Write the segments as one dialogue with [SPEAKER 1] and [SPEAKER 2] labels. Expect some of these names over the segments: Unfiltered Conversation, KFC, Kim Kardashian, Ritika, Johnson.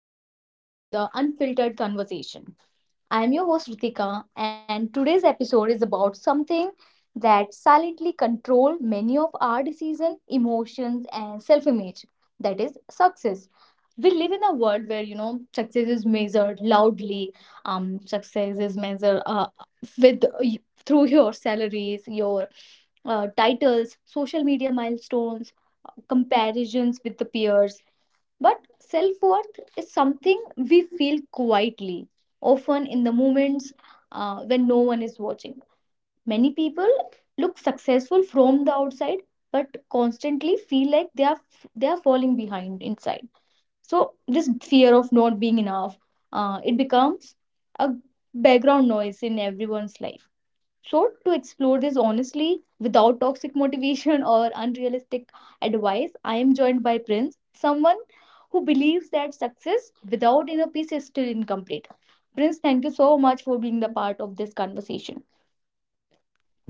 [SPEAKER 1] welcome back to the Unfiltered Conversation. I am your host Ritika, and today's episode is about something that silently control many of our decisions, emotions, and self-image. That is success. We live in a world where success is measured loudly. Success is measured with through your salaries, your titles, social media milestones, comparisons with the peers, but self worth is something we feel quietly, often in the moments when no one is watching. Many people look successful from the outside, but constantly feel like they are falling behind inside. So this fear of not being enough, it becomes a background noise in everyone's life. So to explore this honestly without toxic motivation or unrealistic advice, I am joined by Prince, someone who believes that success without inner peace is still incomplete. Prince, thank you so much for being the part of this conversation.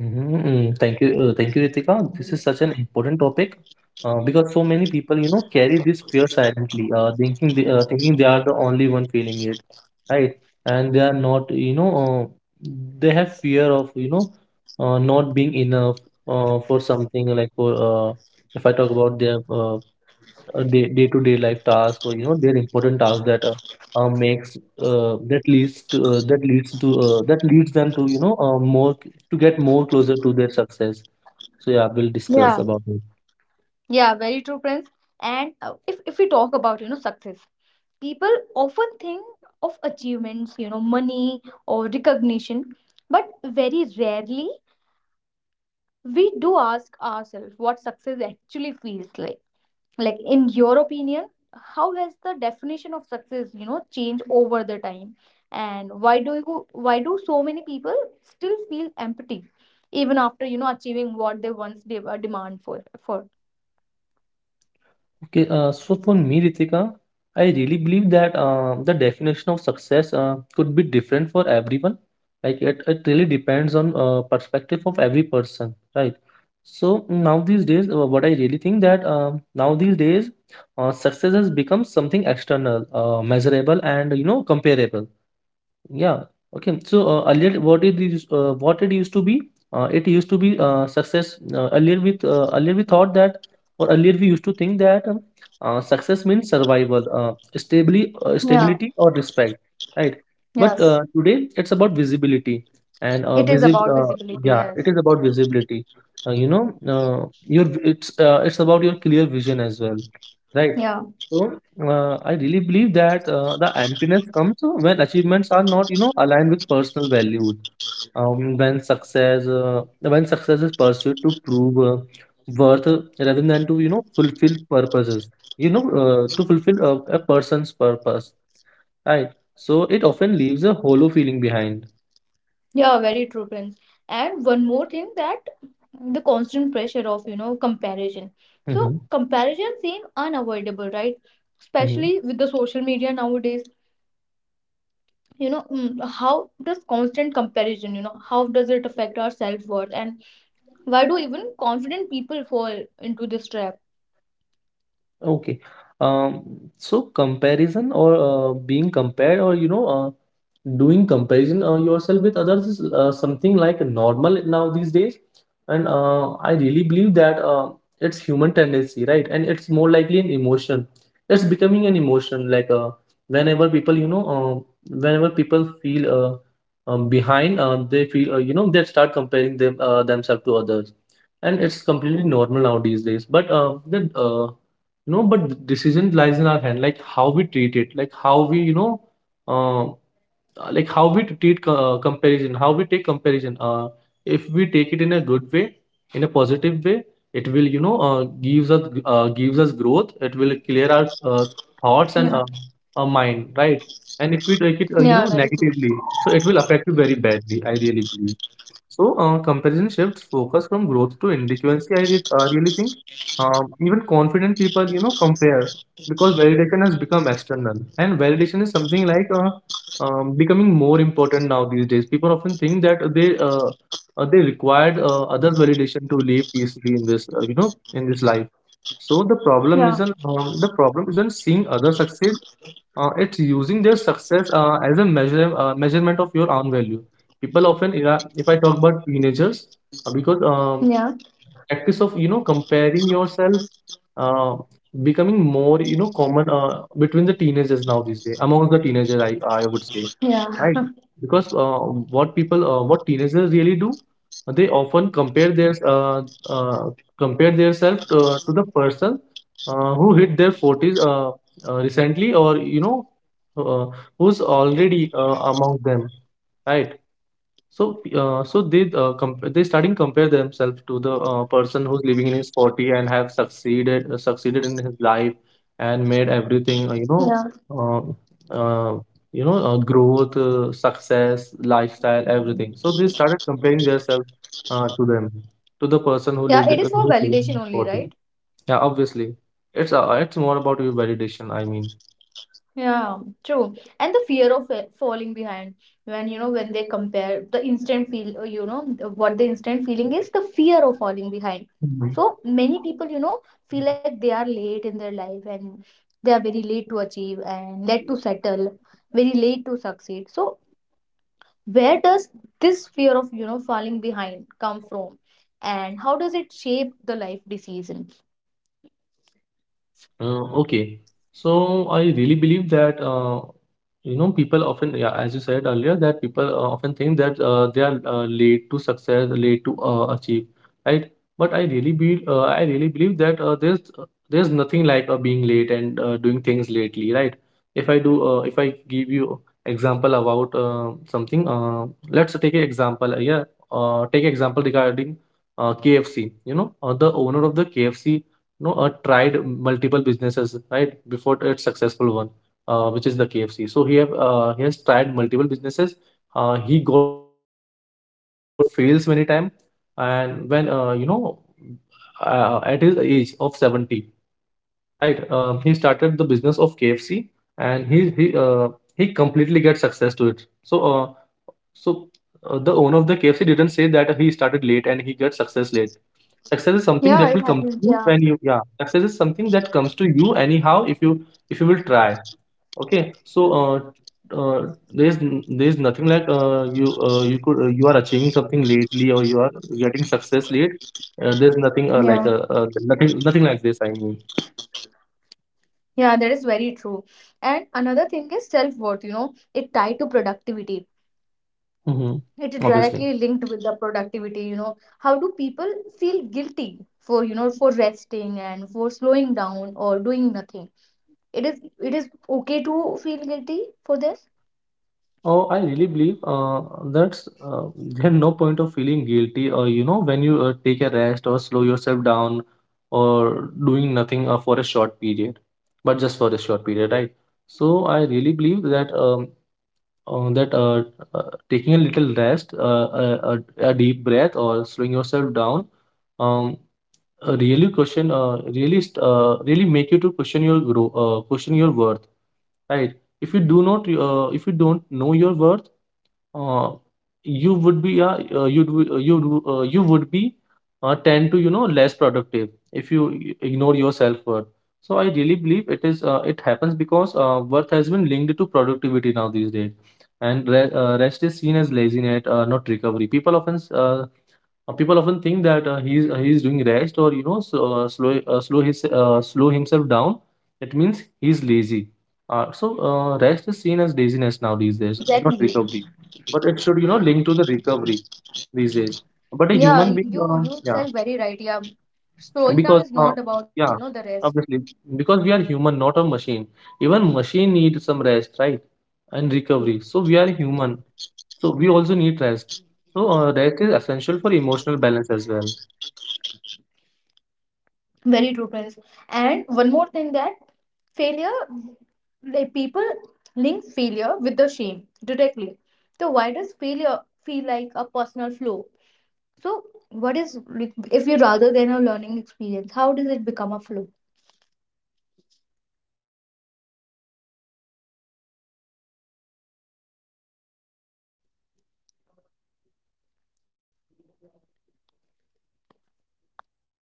[SPEAKER 2] Mhm. Thank you. Thank you, Ritika. This is such an important topic because so many people, you know, carry this fear silently, thinking thinking they are the only one feeling it, right? And they are not. They have fear of, you know, not being enough for something, like for if I talk about their day day-to-day life task, or you know, their important task that makes that leads to that leads to that leads them to, you know, more, to get more closer to their success. So yeah, we'll discuss
[SPEAKER 1] Yeah,
[SPEAKER 2] about it.
[SPEAKER 1] yeah, very true, Prince. And if we talk about success, people often think of achievements, you know, money or recognition, but very rarely we do ask ourselves what success actually feels like in your opinion, how has the definition of success, you know, changed over the time, and why do so many people still feel empty even after achieving what they once demand for for.
[SPEAKER 2] Okay, so for me, Ritika, I really believe that the definition of success could be different for everyone. Like it really depends on perspective of every person, right? So now these days, what I really think that now these days, success has become something external, measurable, and you know, comparable. Yeah. Okay. So earlier, what it used to be, it used to be success. Earlier, with earlier we thought that, or earlier we used to think that, success means survival,
[SPEAKER 1] Yeah.
[SPEAKER 2] stability or respect, right? But
[SPEAKER 1] Yes.
[SPEAKER 2] today it's about visibility, and
[SPEAKER 1] It is
[SPEAKER 2] visib.
[SPEAKER 1] about visibility,
[SPEAKER 2] Yeah,
[SPEAKER 1] yes.
[SPEAKER 2] it is about visibility. You know, your it's It's about your clear vision as well, right?
[SPEAKER 1] Yeah,
[SPEAKER 2] So I really believe that the emptiness comes when achievements are not, you know, aligned with personal values. When success is pursued to prove worth, rather than to, you know, fulfill purposes. You know, to fulfill a person's purpose, right? So it often leaves a hollow feeling behind.
[SPEAKER 1] yeah, very true, Prince. And one more thing, that the constant pressure of, you know, comparison, so
[SPEAKER 2] Mm-hmm.
[SPEAKER 1] comparison seems unavoidable, right?
[SPEAKER 2] Mm-hmm.
[SPEAKER 1] Especially with the social media nowadays. You know, how does constant comparison, you know, how does it affect our self-worth, and why do even confident people fall into this trap?
[SPEAKER 2] Okay. Um, so comparison, or being compared, or you know, doing comparison yourself with others, is something like normal now these days. And I really believe that it's human tendency, right? And it's more likely an emotion. It's becoming an emotion. Whenever people you know Whenever people feel behind, they feel, you know, they start comparing themselves to others. And it's completely normal now these days. But the decision lies in our hand, like how we treat it, like how we, you know, uh, how we treat comparison, how we take comparison. If we take it in a good way, in a positive way, it will, you know, gives us growth. It will clear our thoughts and
[SPEAKER 1] Yeah,
[SPEAKER 2] our mind, right? And if we take it, you
[SPEAKER 1] yeah,
[SPEAKER 2] know,
[SPEAKER 1] very true.
[SPEAKER 2] negatively, so it will affect you very badly, I really believe. So, comparison shifts focus from growth to inadequacy, really think. Even confident people, you know, compare, because validation has become external. And validation is something like, becoming more important now these days. People often think that they required others' validation to live peacefully in this, in this life. So
[SPEAKER 1] yeah
[SPEAKER 2] the problem isn't seeing other success, it's using their success as a measure measurement of your own value. People often, if I talk about teenagers, because
[SPEAKER 1] yeah
[SPEAKER 2] practice of, you know, comparing yourself uh, becoming more, you know, common between the teenagers now these days, among the teenagers, I would say,
[SPEAKER 1] yeah
[SPEAKER 2] right? Because what teenagers really do, they often compare their uh, compare themselves to the person who hit their 40s recently, or you know, uh, who's already among them, right? So they, they starting compare themselves to the person who's living in his 40 and have succeeded in his life and made everything,
[SPEAKER 1] yeah
[SPEAKER 2] uh, uh, you know, growth, success, lifestyle, everything. So they started comparing themselves to them to the person who
[SPEAKER 1] yeah
[SPEAKER 2] lived
[SPEAKER 1] it is
[SPEAKER 2] who's
[SPEAKER 1] for
[SPEAKER 2] living in
[SPEAKER 1] validation
[SPEAKER 2] his
[SPEAKER 1] only,
[SPEAKER 2] 40.
[SPEAKER 1] right?
[SPEAKER 2] Yeah, obviously, it's more about your validation, I mean.
[SPEAKER 1] Yeah, true. And the fear of falling behind, when you know, when they compare, the instant feel, you know, what the instant feeling is the fear of falling behind.
[SPEAKER 2] Mhm.
[SPEAKER 1] So many people, you know, feel like they are late in their life, and they are very late to achieve and late to settle, very late to succeed. So where does this fear of, you know, falling behind come from? And how does it shape the life decision?
[SPEAKER 2] Okay, so I really believe that, you know, people often, yeah, as you said earlier, that people often think that they are late to success, late to achieve, right? But I really believe that there's nothing like being late and doing things lately, right? If I give you example about something, let's take an example, yeah, take example regarding KFC. You know, the owner of the KFC no tried multiple businesses right before its successful one, which is the KFC. So he has tried multiple businesses. He got fails many time, and when, at his age of 70, right? He started the business of KFC, and he completely get success to it. So so the owner of the KFC didn't say that he started late and he got success late. Success is something that will come
[SPEAKER 1] Yeah,
[SPEAKER 2] to
[SPEAKER 1] it
[SPEAKER 2] you
[SPEAKER 1] happens.
[SPEAKER 2] when you,
[SPEAKER 1] Yeah.
[SPEAKER 2] yeah. Success is something that comes to you anyhow, if you will try. Okay. Uh, there is nothing like, you are achieving something lately, or you are getting success late. There's nothing like
[SPEAKER 1] Yeah.
[SPEAKER 2] nothing Nothing like this, I mean.
[SPEAKER 1] Yeah, that is very true. And another thing is self-worth, you know, it tied to productivity.
[SPEAKER 2] Hmm.
[SPEAKER 1] It is
[SPEAKER 2] Obviously.
[SPEAKER 1] directly linked with the productivity, you know. How do people feel guilty for, you know, for resting and for slowing down or doing nothing? It is okay to feel guilty for this?
[SPEAKER 2] Oh, I really believe that's there's no point of feeling guilty, or you know, when you take a rest, or slow yourself down, or doing nothing for a short period, but just for a short period, right? So I really believe that, uh, that uh, taking a little rest, a deep breath, or slowing yourself down, um, really make you to question your worth, right? If you do not, if you don't know your worth, uh, you would be you'd w- you would be tend to, you know, less productive, if you ignore your self worth. So I really believe it is, it happens because worth has been linked to productivity now these days, and rest is seen as laziness, not recovery. People often think that he's doing rest, or you know, slow himself down. It means he's lazy. Rest is seen as laziness now these
[SPEAKER 1] Yeah,
[SPEAKER 2] days, not
[SPEAKER 1] exactly.
[SPEAKER 2] recovery. But it should, you know, link to the recovery these days. But a
[SPEAKER 1] Yeah,
[SPEAKER 2] human being,
[SPEAKER 1] you you
[SPEAKER 2] Yeah,
[SPEAKER 1] said very right. Yeah. Slowing
[SPEAKER 2] because,
[SPEAKER 1] down is not about, you
[SPEAKER 2] yeah,
[SPEAKER 1] know, the rest.
[SPEAKER 2] obviously, because we are human, not a machine. Even machine need some rest, right? And recovery.
[SPEAKER 1] Exactly.
[SPEAKER 2] So we are human, so we also need rest. So rest is essential for emotional balance as well.
[SPEAKER 1] Very true, Prince. And one more thing, that failure, like people link failure with the shame directly. So why does failure feel like a personal flaw? So what is like, if you rather than a learning experience, how does it become a flaw?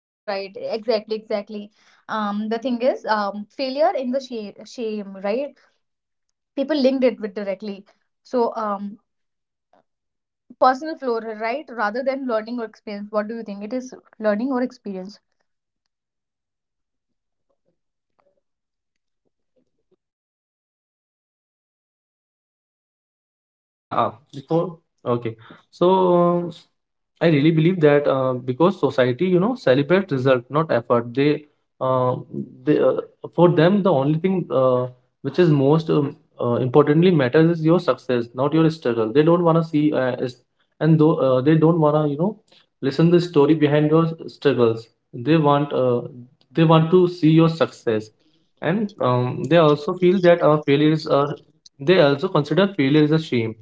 [SPEAKER 1] You are right. Exactly, exactly. The thing is, failure in the shame, right? People linked it with directly. So personal flaw, right? Rather than learning or experience, what do you think? It is learning or experience?
[SPEAKER 2] Yeah, before okay. So I really believe that, because society, you know, celebrates result, not effort. Uh, they For them, the only thing which is most, importantly matters is your success, not your struggle. They don't wanna see, is- and though they don't wanna, you know, listen the story behind your struggles. They want, uh, they want to see your success, and they also feel that our failures are. They also consider failure is a shame,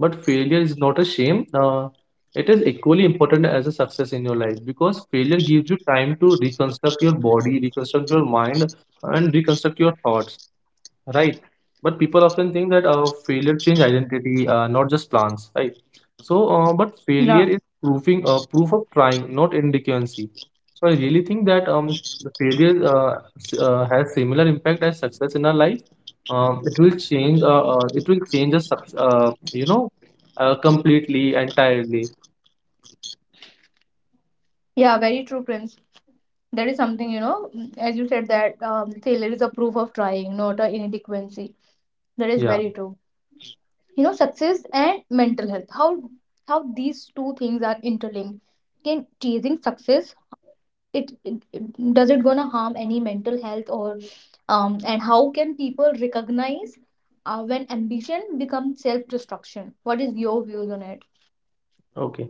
[SPEAKER 2] but failure is not a shame. It is equally important as a success in your life, because failure gives you time to reconstruct your body, reconstruct your mind, and reconstruct your thoughts. Right. But people often think that failure change identity, not just plans, right? So, but failure
[SPEAKER 1] Yeah.
[SPEAKER 2] is proving proof of trying, not indigency. So I really think that the failure has similar impact as success in our life. It will change. It will change us, you know, completely, entirely.
[SPEAKER 1] Yeah, very true, Prince. That is something, you know, as you said that failure is a proof of trying, not an inadequacy. That is
[SPEAKER 2] Yeah.
[SPEAKER 1] very true. You know, success and mental health, how these two things are interlinked. Can chasing success, does it gonna harm any mental health, or and how can people recognize when ambition becomes self-destruction? What is your views on it?
[SPEAKER 2] Okay.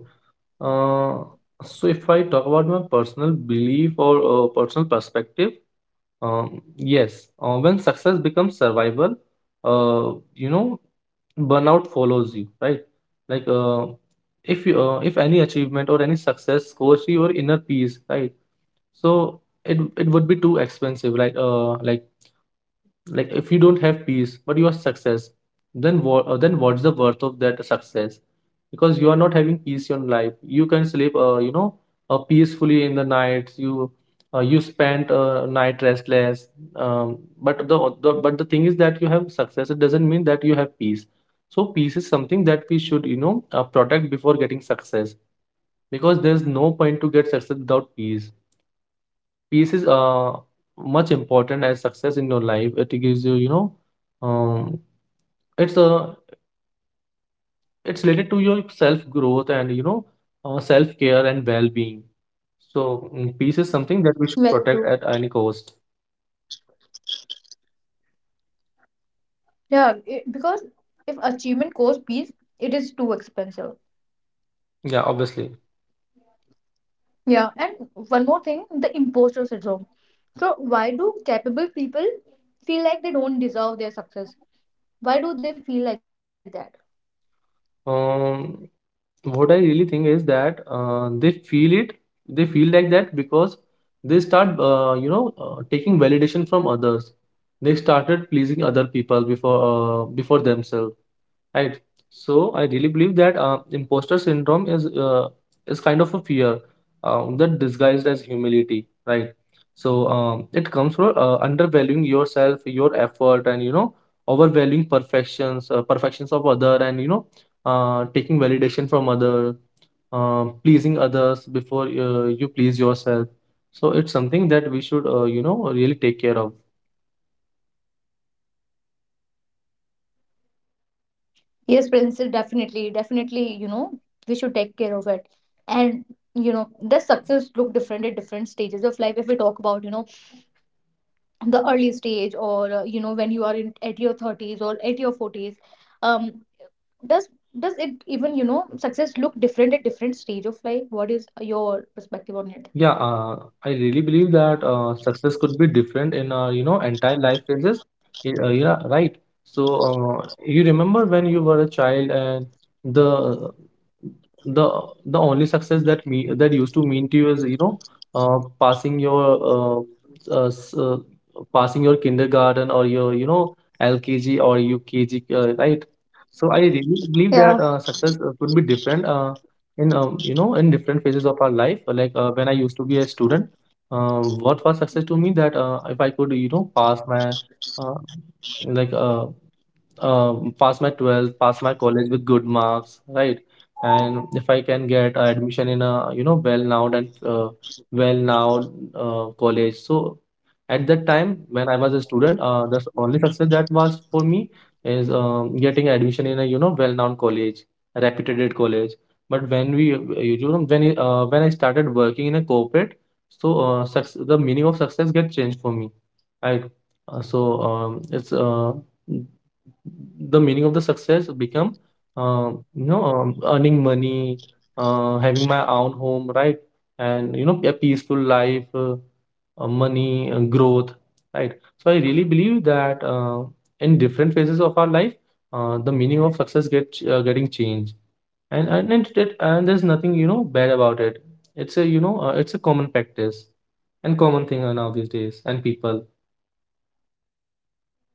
[SPEAKER 2] Uh, so if I talk about my personal belief or personal perspective. Yes, when success becomes survival, uh, you know, burnout follows you, right? Like, if you, if any achievement or any success scores to your inner peace, right? So it would be too expensive, right? Like if you don't have peace but you are success then what's the worth of that success because you are not having peace in life. You can sleep peacefully in the night. You spend night restless. But the thing is that you have success, it doesn't mean that you have peace. So peace is something that we should, protect before getting success, because there's no point to get success without peace. Peace is much important as success in your life. It gives you, you know, um, it's a it's related to your self growth and, you know, self care and well being. So peace is something that we should
[SPEAKER 1] Very
[SPEAKER 2] protect at
[SPEAKER 1] true.
[SPEAKER 2] any cost.
[SPEAKER 1] Yeah, it, because if achievement costs peace, it is too expensive.
[SPEAKER 2] Yeah, obviously.
[SPEAKER 1] Yeah, and one more thing, the imposter syndrome. So why do capable people feel like they don't deserve their success? Why do they feel like that?
[SPEAKER 2] What I really think is that they feel it. They feel like that because they start, taking validation from others. They started pleasing other people before before themselves, right? So I really believe that imposter syndrome is kind of a fear that disguised as humility, right? So it comes from undervaluing yourself, your effort, and you know, overvaluing perfections, perfections of other, and you know, taking validation from other, pleasing others before you please yourself. So it's something that we should, you know, really take care of.
[SPEAKER 1] Yes, Princess, definitely, definitely, you know, we should take care of it. And, you know, the success look different at different stages of life. If we talk about, you know, the early stage, or, you know, when you are in at your 30s or at your 40s, um, does does it even, you know, success look different at different stage of life? What is your perspective on
[SPEAKER 2] Yeah,
[SPEAKER 1] it?
[SPEAKER 2] I really believe that success could be different in, you know, entire life phases. Yeah, right. So you remember when you were a child, and the the the only success that me that used to mean to you is, you know, passing your uh, s- uh, passing your kindergarten or your, you know, LKG or UKG, right? So I really believe that
[SPEAKER 1] Yeah.
[SPEAKER 2] success could be different. In you know, in different phases of our life. Like when I used to be a student, what was success to me, that if I could, you know, pass my uh, like uh, pass my 12th, pass my college with good marks, right? And if I can get admission in a, you know, well now, and well now college. So at that time, when I was a student, the only success that was for me is, getting admission in a, you know, well known college, reputed college. But when
[SPEAKER 1] Yeah,
[SPEAKER 2] we, when I started working in a corporate, so success, the meaning of success get changed for me, right? So it's The meaning of the success become, you know, earning money, having my own home, right? And you know, a peaceful life, money, growth, right? So I really believe that in different phases of our life, the meaning of success getting changed. And there's nothing, you
[SPEAKER 1] yeah,
[SPEAKER 2] know, bad about it. It's a, you know, it's a common practice and common thing now these days, and people.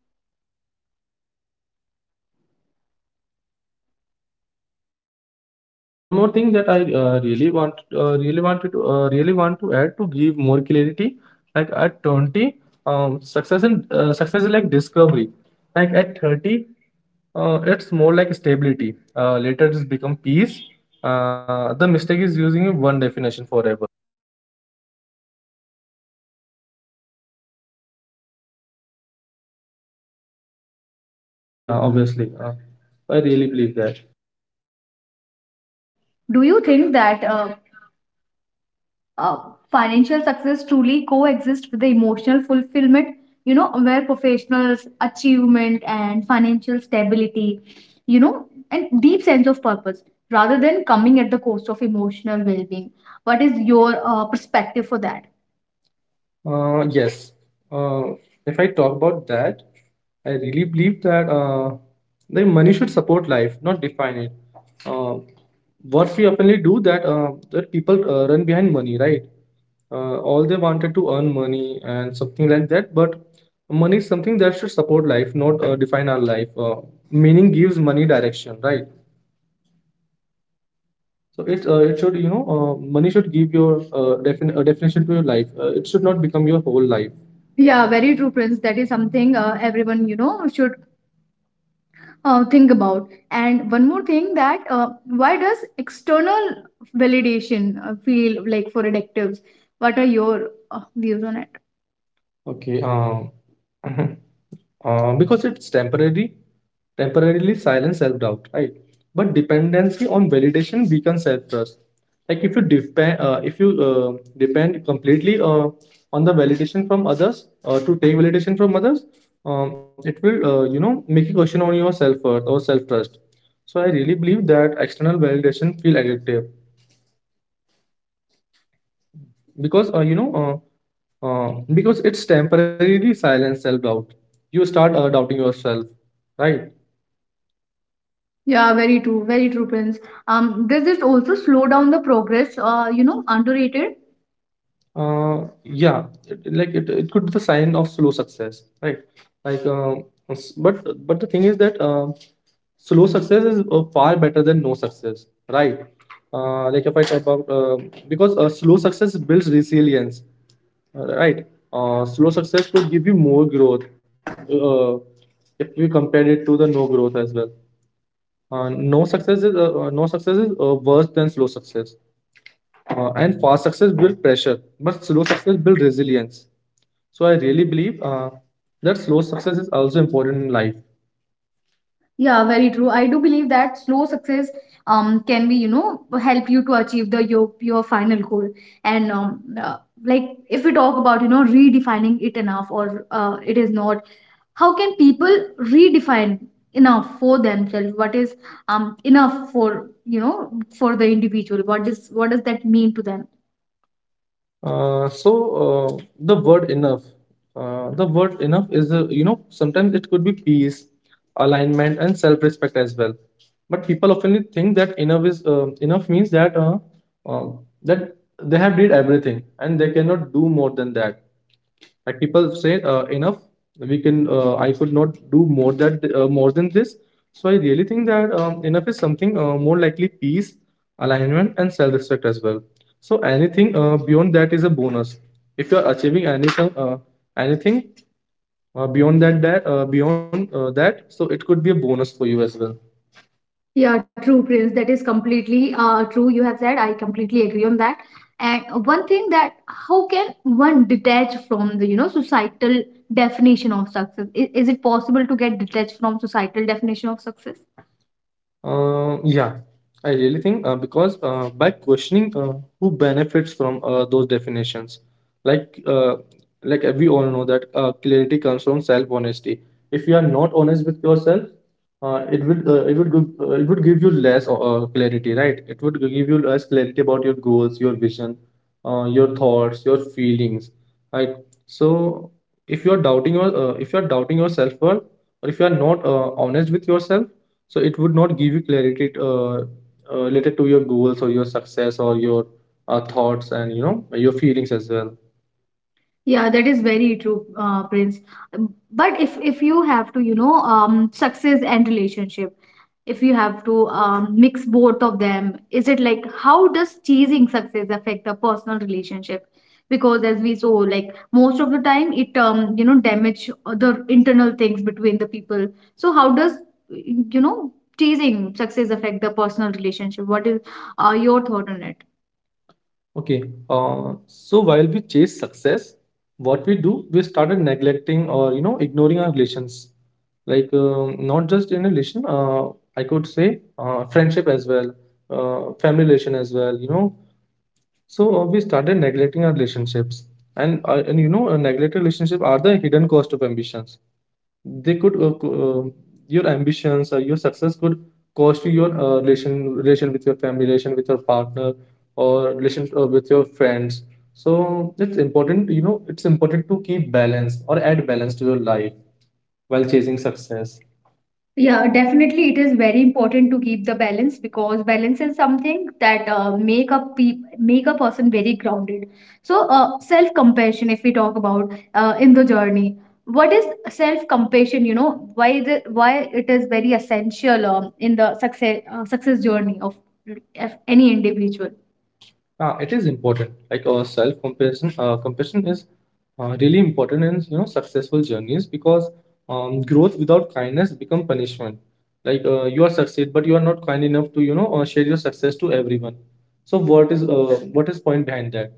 [SPEAKER 1] yeah. And one more thing, that can financial success truly
[SPEAKER 2] One more
[SPEAKER 1] coexist with
[SPEAKER 2] thing
[SPEAKER 1] the
[SPEAKER 2] that I
[SPEAKER 1] emotional fulfillment?
[SPEAKER 2] really want to add, to give more clarity. Like at 20,
[SPEAKER 1] Yeah, sure.
[SPEAKER 2] success is like discovery. Like at 30, it's more like stability. Later it's become peace. The mistake is using one definition forever.
[SPEAKER 1] Yeah, Prince, that is definitely the true
[SPEAKER 2] Yeah,
[SPEAKER 1] thing.
[SPEAKER 2] obviously. I
[SPEAKER 1] Yeah,
[SPEAKER 2] really believe
[SPEAKER 1] obviously.
[SPEAKER 2] that.
[SPEAKER 1] I really do that.
[SPEAKER 2] Uh,
[SPEAKER 1] So do you
[SPEAKER 2] do you
[SPEAKER 1] think
[SPEAKER 2] think
[SPEAKER 1] that
[SPEAKER 2] that
[SPEAKER 1] do you think that uh,
[SPEAKER 2] uh, financial success
[SPEAKER 1] uh,
[SPEAKER 2] truly coexists
[SPEAKER 1] financial
[SPEAKER 2] with the
[SPEAKER 1] success
[SPEAKER 2] emotional
[SPEAKER 1] truly
[SPEAKER 2] fulfillment?
[SPEAKER 1] coexist with the
[SPEAKER 2] You know,
[SPEAKER 1] emotional
[SPEAKER 2] where
[SPEAKER 1] fulfillment,
[SPEAKER 2] professionals,
[SPEAKER 1] you know, where
[SPEAKER 2] achievement, and
[SPEAKER 1] professionals
[SPEAKER 2] financial
[SPEAKER 1] achievement
[SPEAKER 2] stability,
[SPEAKER 1] and
[SPEAKER 2] you
[SPEAKER 1] financial
[SPEAKER 2] know, and
[SPEAKER 1] stability,
[SPEAKER 2] deep sense of
[SPEAKER 1] you know,
[SPEAKER 2] purpose,
[SPEAKER 1] and
[SPEAKER 2] rather
[SPEAKER 1] deep
[SPEAKER 2] than
[SPEAKER 1] sense of
[SPEAKER 2] coming at the
[SPEAKER 1] purpose,
[SPEAKER 2] cost of
[SPEAKER 1] rather than
[SPEAKER 2] emotional well
[SPEAKER 1] coming at the
[SPEAKER 2] being.
[SPEAKER 1] cost of
[SPEAKER 2] What is
[SPEAKER 1] emotional
[SPEAKER 2] your
[SPEAKER 1] well-being?
[SPEAKER 2] perspective
[SPEAKER 1] What
[SPEAKER 2] for
[SPEAKER 1] is
[SPEAKER 2] that?
[SPEAKER 1] your perspective for that?
[SPEAKER 2] Yes. Uh, if I
[SPEAKER 1] Yes.
[SPEAKER 2] talk about
[SPEAKER 1] Uh,
[SPEAKER 2] that,
[SPEAKER 1] if I
[SPEAKER 2] I
[SPEAKER 1] talk
[SPEAKER 2] really
[SPEAKER 1] about
[SPEAKER 2] believe
[SPEAKER 1] that,
[SPEAKER 2] that
[SPEAKER 1] I really
[SPEAKER 2] the
[SPEAKER 1] think
[SPEAKER 2] money should
[SPEAKER 1] that
[SPEAKER 2] support life, not define it. Uh, what we oftenly do, that people run behind money, right? All they wanted to earn money and something like that. But money is something that should support life, not define our life. Meaning gives money direction, right? So it it should, you know, money should give your definition to your life. It should not become your whole life. Yeah, very true, Prince. That is something everyone, you know, should think about. And one more thing, that why does external validation feel like for addictives? What are your views on it? Okay. Because it's temporary temporarily silence self doubt, right? But dependency on validation weakens self trust. Like if you depend completely on the validation from others, to take validation from others, it will, you know, make a question on your self worth or self trust. So I really believe that external validation feel addictive because, because it's temporarily silence self doubt. You start doubting yourself, right? Yeah, very true, Prince. Does it also slow down the progress? You know, underrated. Yeah, it could be the sign of slow success, right? Like, uh, s- but but the thing is that slow success is far better than no success, right? Like if I talk about because slow success builds resilience, right? Slow success could give you more growth uh, if we compare it to the no growth as well. No success is worse than slow success, and fast success build pressure, but slow success build resilience. So I really believe that slow success is also important in life. Yeah, very true. I do believe that slow success can be, you know, help you to achieve the your final goal. And like if we talk about, you know, redefining it enough, or it is not. How can people redefine enough for themselves, what is enough for, you know, for the individual, what is, what does that mean to them? Uh, so uh, the word enough, the word enough is, you know, sometimes it could be peace, alignment, and self-respect as well. But people often think that enough means that, uh, that they have did everything and they cannot do more than that. Like people say, enough, we can, I could not do more that more than this. So I really think that enough is something more likely peace, alignment, and self-respect as well. So anything beyond that is a bonus. If you are achieving anything beyond that that beyond that, so it could be a bonus for you as well. Yeah, true, Prince. That is completely true, you have said. I completely agree on that. And one thing, that how can one detach from the, you know, societal definition of success? Is it possible to get detached from societal definition of success? Yeah, I really think, because by questioning who benefits from those definitions. like uh, we all know that clarity comes from self honesty. If you are not honest with yourself, it would give you less clarity, right? It would give you less clarity about your goals, your vision, your thoughts, your feelings, right? So if you are doubting your if you are doubting your self worth, or if you are not honest with yourself, so it would not give you clarity related to your goals or your success, or your thoughts, and you know, your feelings as well. Yeah, that is very true, Prince. But if you have to, you know, success and relationship, if you have to, mix both of them, is it like, how does chasing success affect the personal relationship? Because as we saw, like most of the time, it, you know, damage the internal things between the people. So how does, you know, chasing success affect the personal relationship? What is your thought on it? Okay, so while we chase success, what we do, we started neglecting, or you know, ignoring our relations. Like, not just in a relation, I could say friendship as well, family relation as well, you know. So we started neglecting our relationships, and you know, a neglected relationship are the hidden cost of ambitions. They could, your ambitions or your success could cost you your relation with your family, relation with your partner, or relation with your friends. So it's important, you know, it's important to keep balance or add balance to your life while chasing success. Yeah, definitely it is very important to keep the balance, because balance is something that make a person very grounded. So self-compassion, if we talk about in the journey, what is self-compassion? You know, why the why it is very essential in the success journey of any individual. It is important. Like self compassion, compassion is really important in, you know, successful journeys, because growth without kindness become punishment. Like you are succeed, but you are not kind enough to, you know, share your success to everyone. So what is, what is point behind that,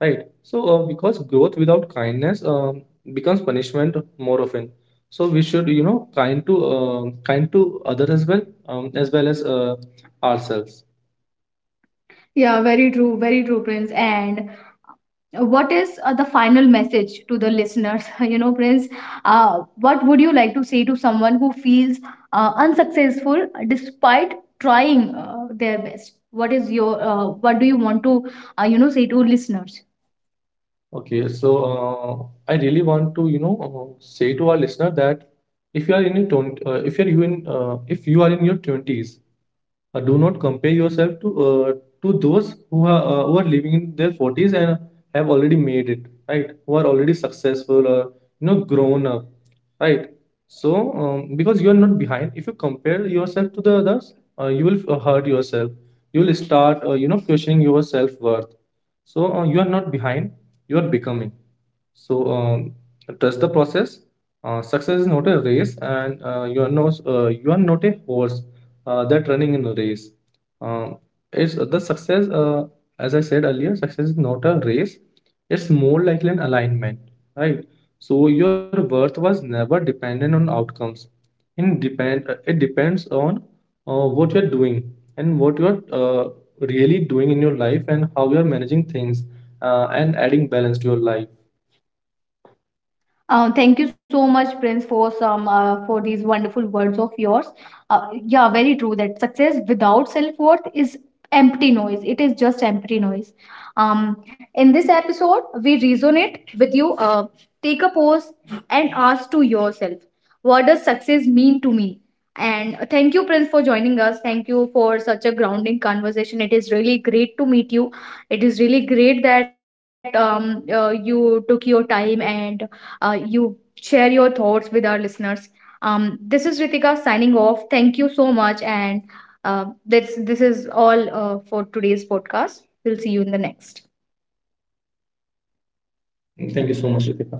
[SPEAKER 2] right? So because growth without kindness becomes punishment more often. So we should, you know, kind to, kind to other as well, as well as ourselves. Yeah, very true, Prince. And what is the final message to the listeners? You know, Prince, what would you like to say to someone who feels unsuccessful despite trying their best? What is your what do you want to, you know, say to listeners? Okay, so I really want to, you know, say to our listener that if you are in your 20, if you are in your twenties, do not compare yourself to those who are living in their 40s and have already made it, right? Who are already successful, or you know, grown up, right? So because you are not behind. If you compare yourself to the others, you will hurt yourself. You will start you know, questioning your self worth. So you are not behind, you are becoming. So trust the process. Success is not a race, and you are not a horse that running in a race. Um, it's the success. As I said earlier, success is not a race. It's more like an alignment, right? So your worth was never dependent on outcomes. In depend it depends on what you're doing and what you're really doing in your life, and how you're managing things and adding balance to your life. Uh, thank you so much, Prince, for some for these wonderful words of yours. Yeah, very true that success without self worth is empty noise. It is just empty noise. Um, in this episode, we resonate with you. Take a pause and ask to yourself, what does success mean to me? And thank you, Prince, for joining us. Thank you for such a grounding conversation. It is really great to meet you. It is really great that you took your time and you share your thoughts with our listeners. This is Ritika signing off. Thank you so much, and this is all for today's podcast. We'll see you in the next. Thank you so much, Ritika.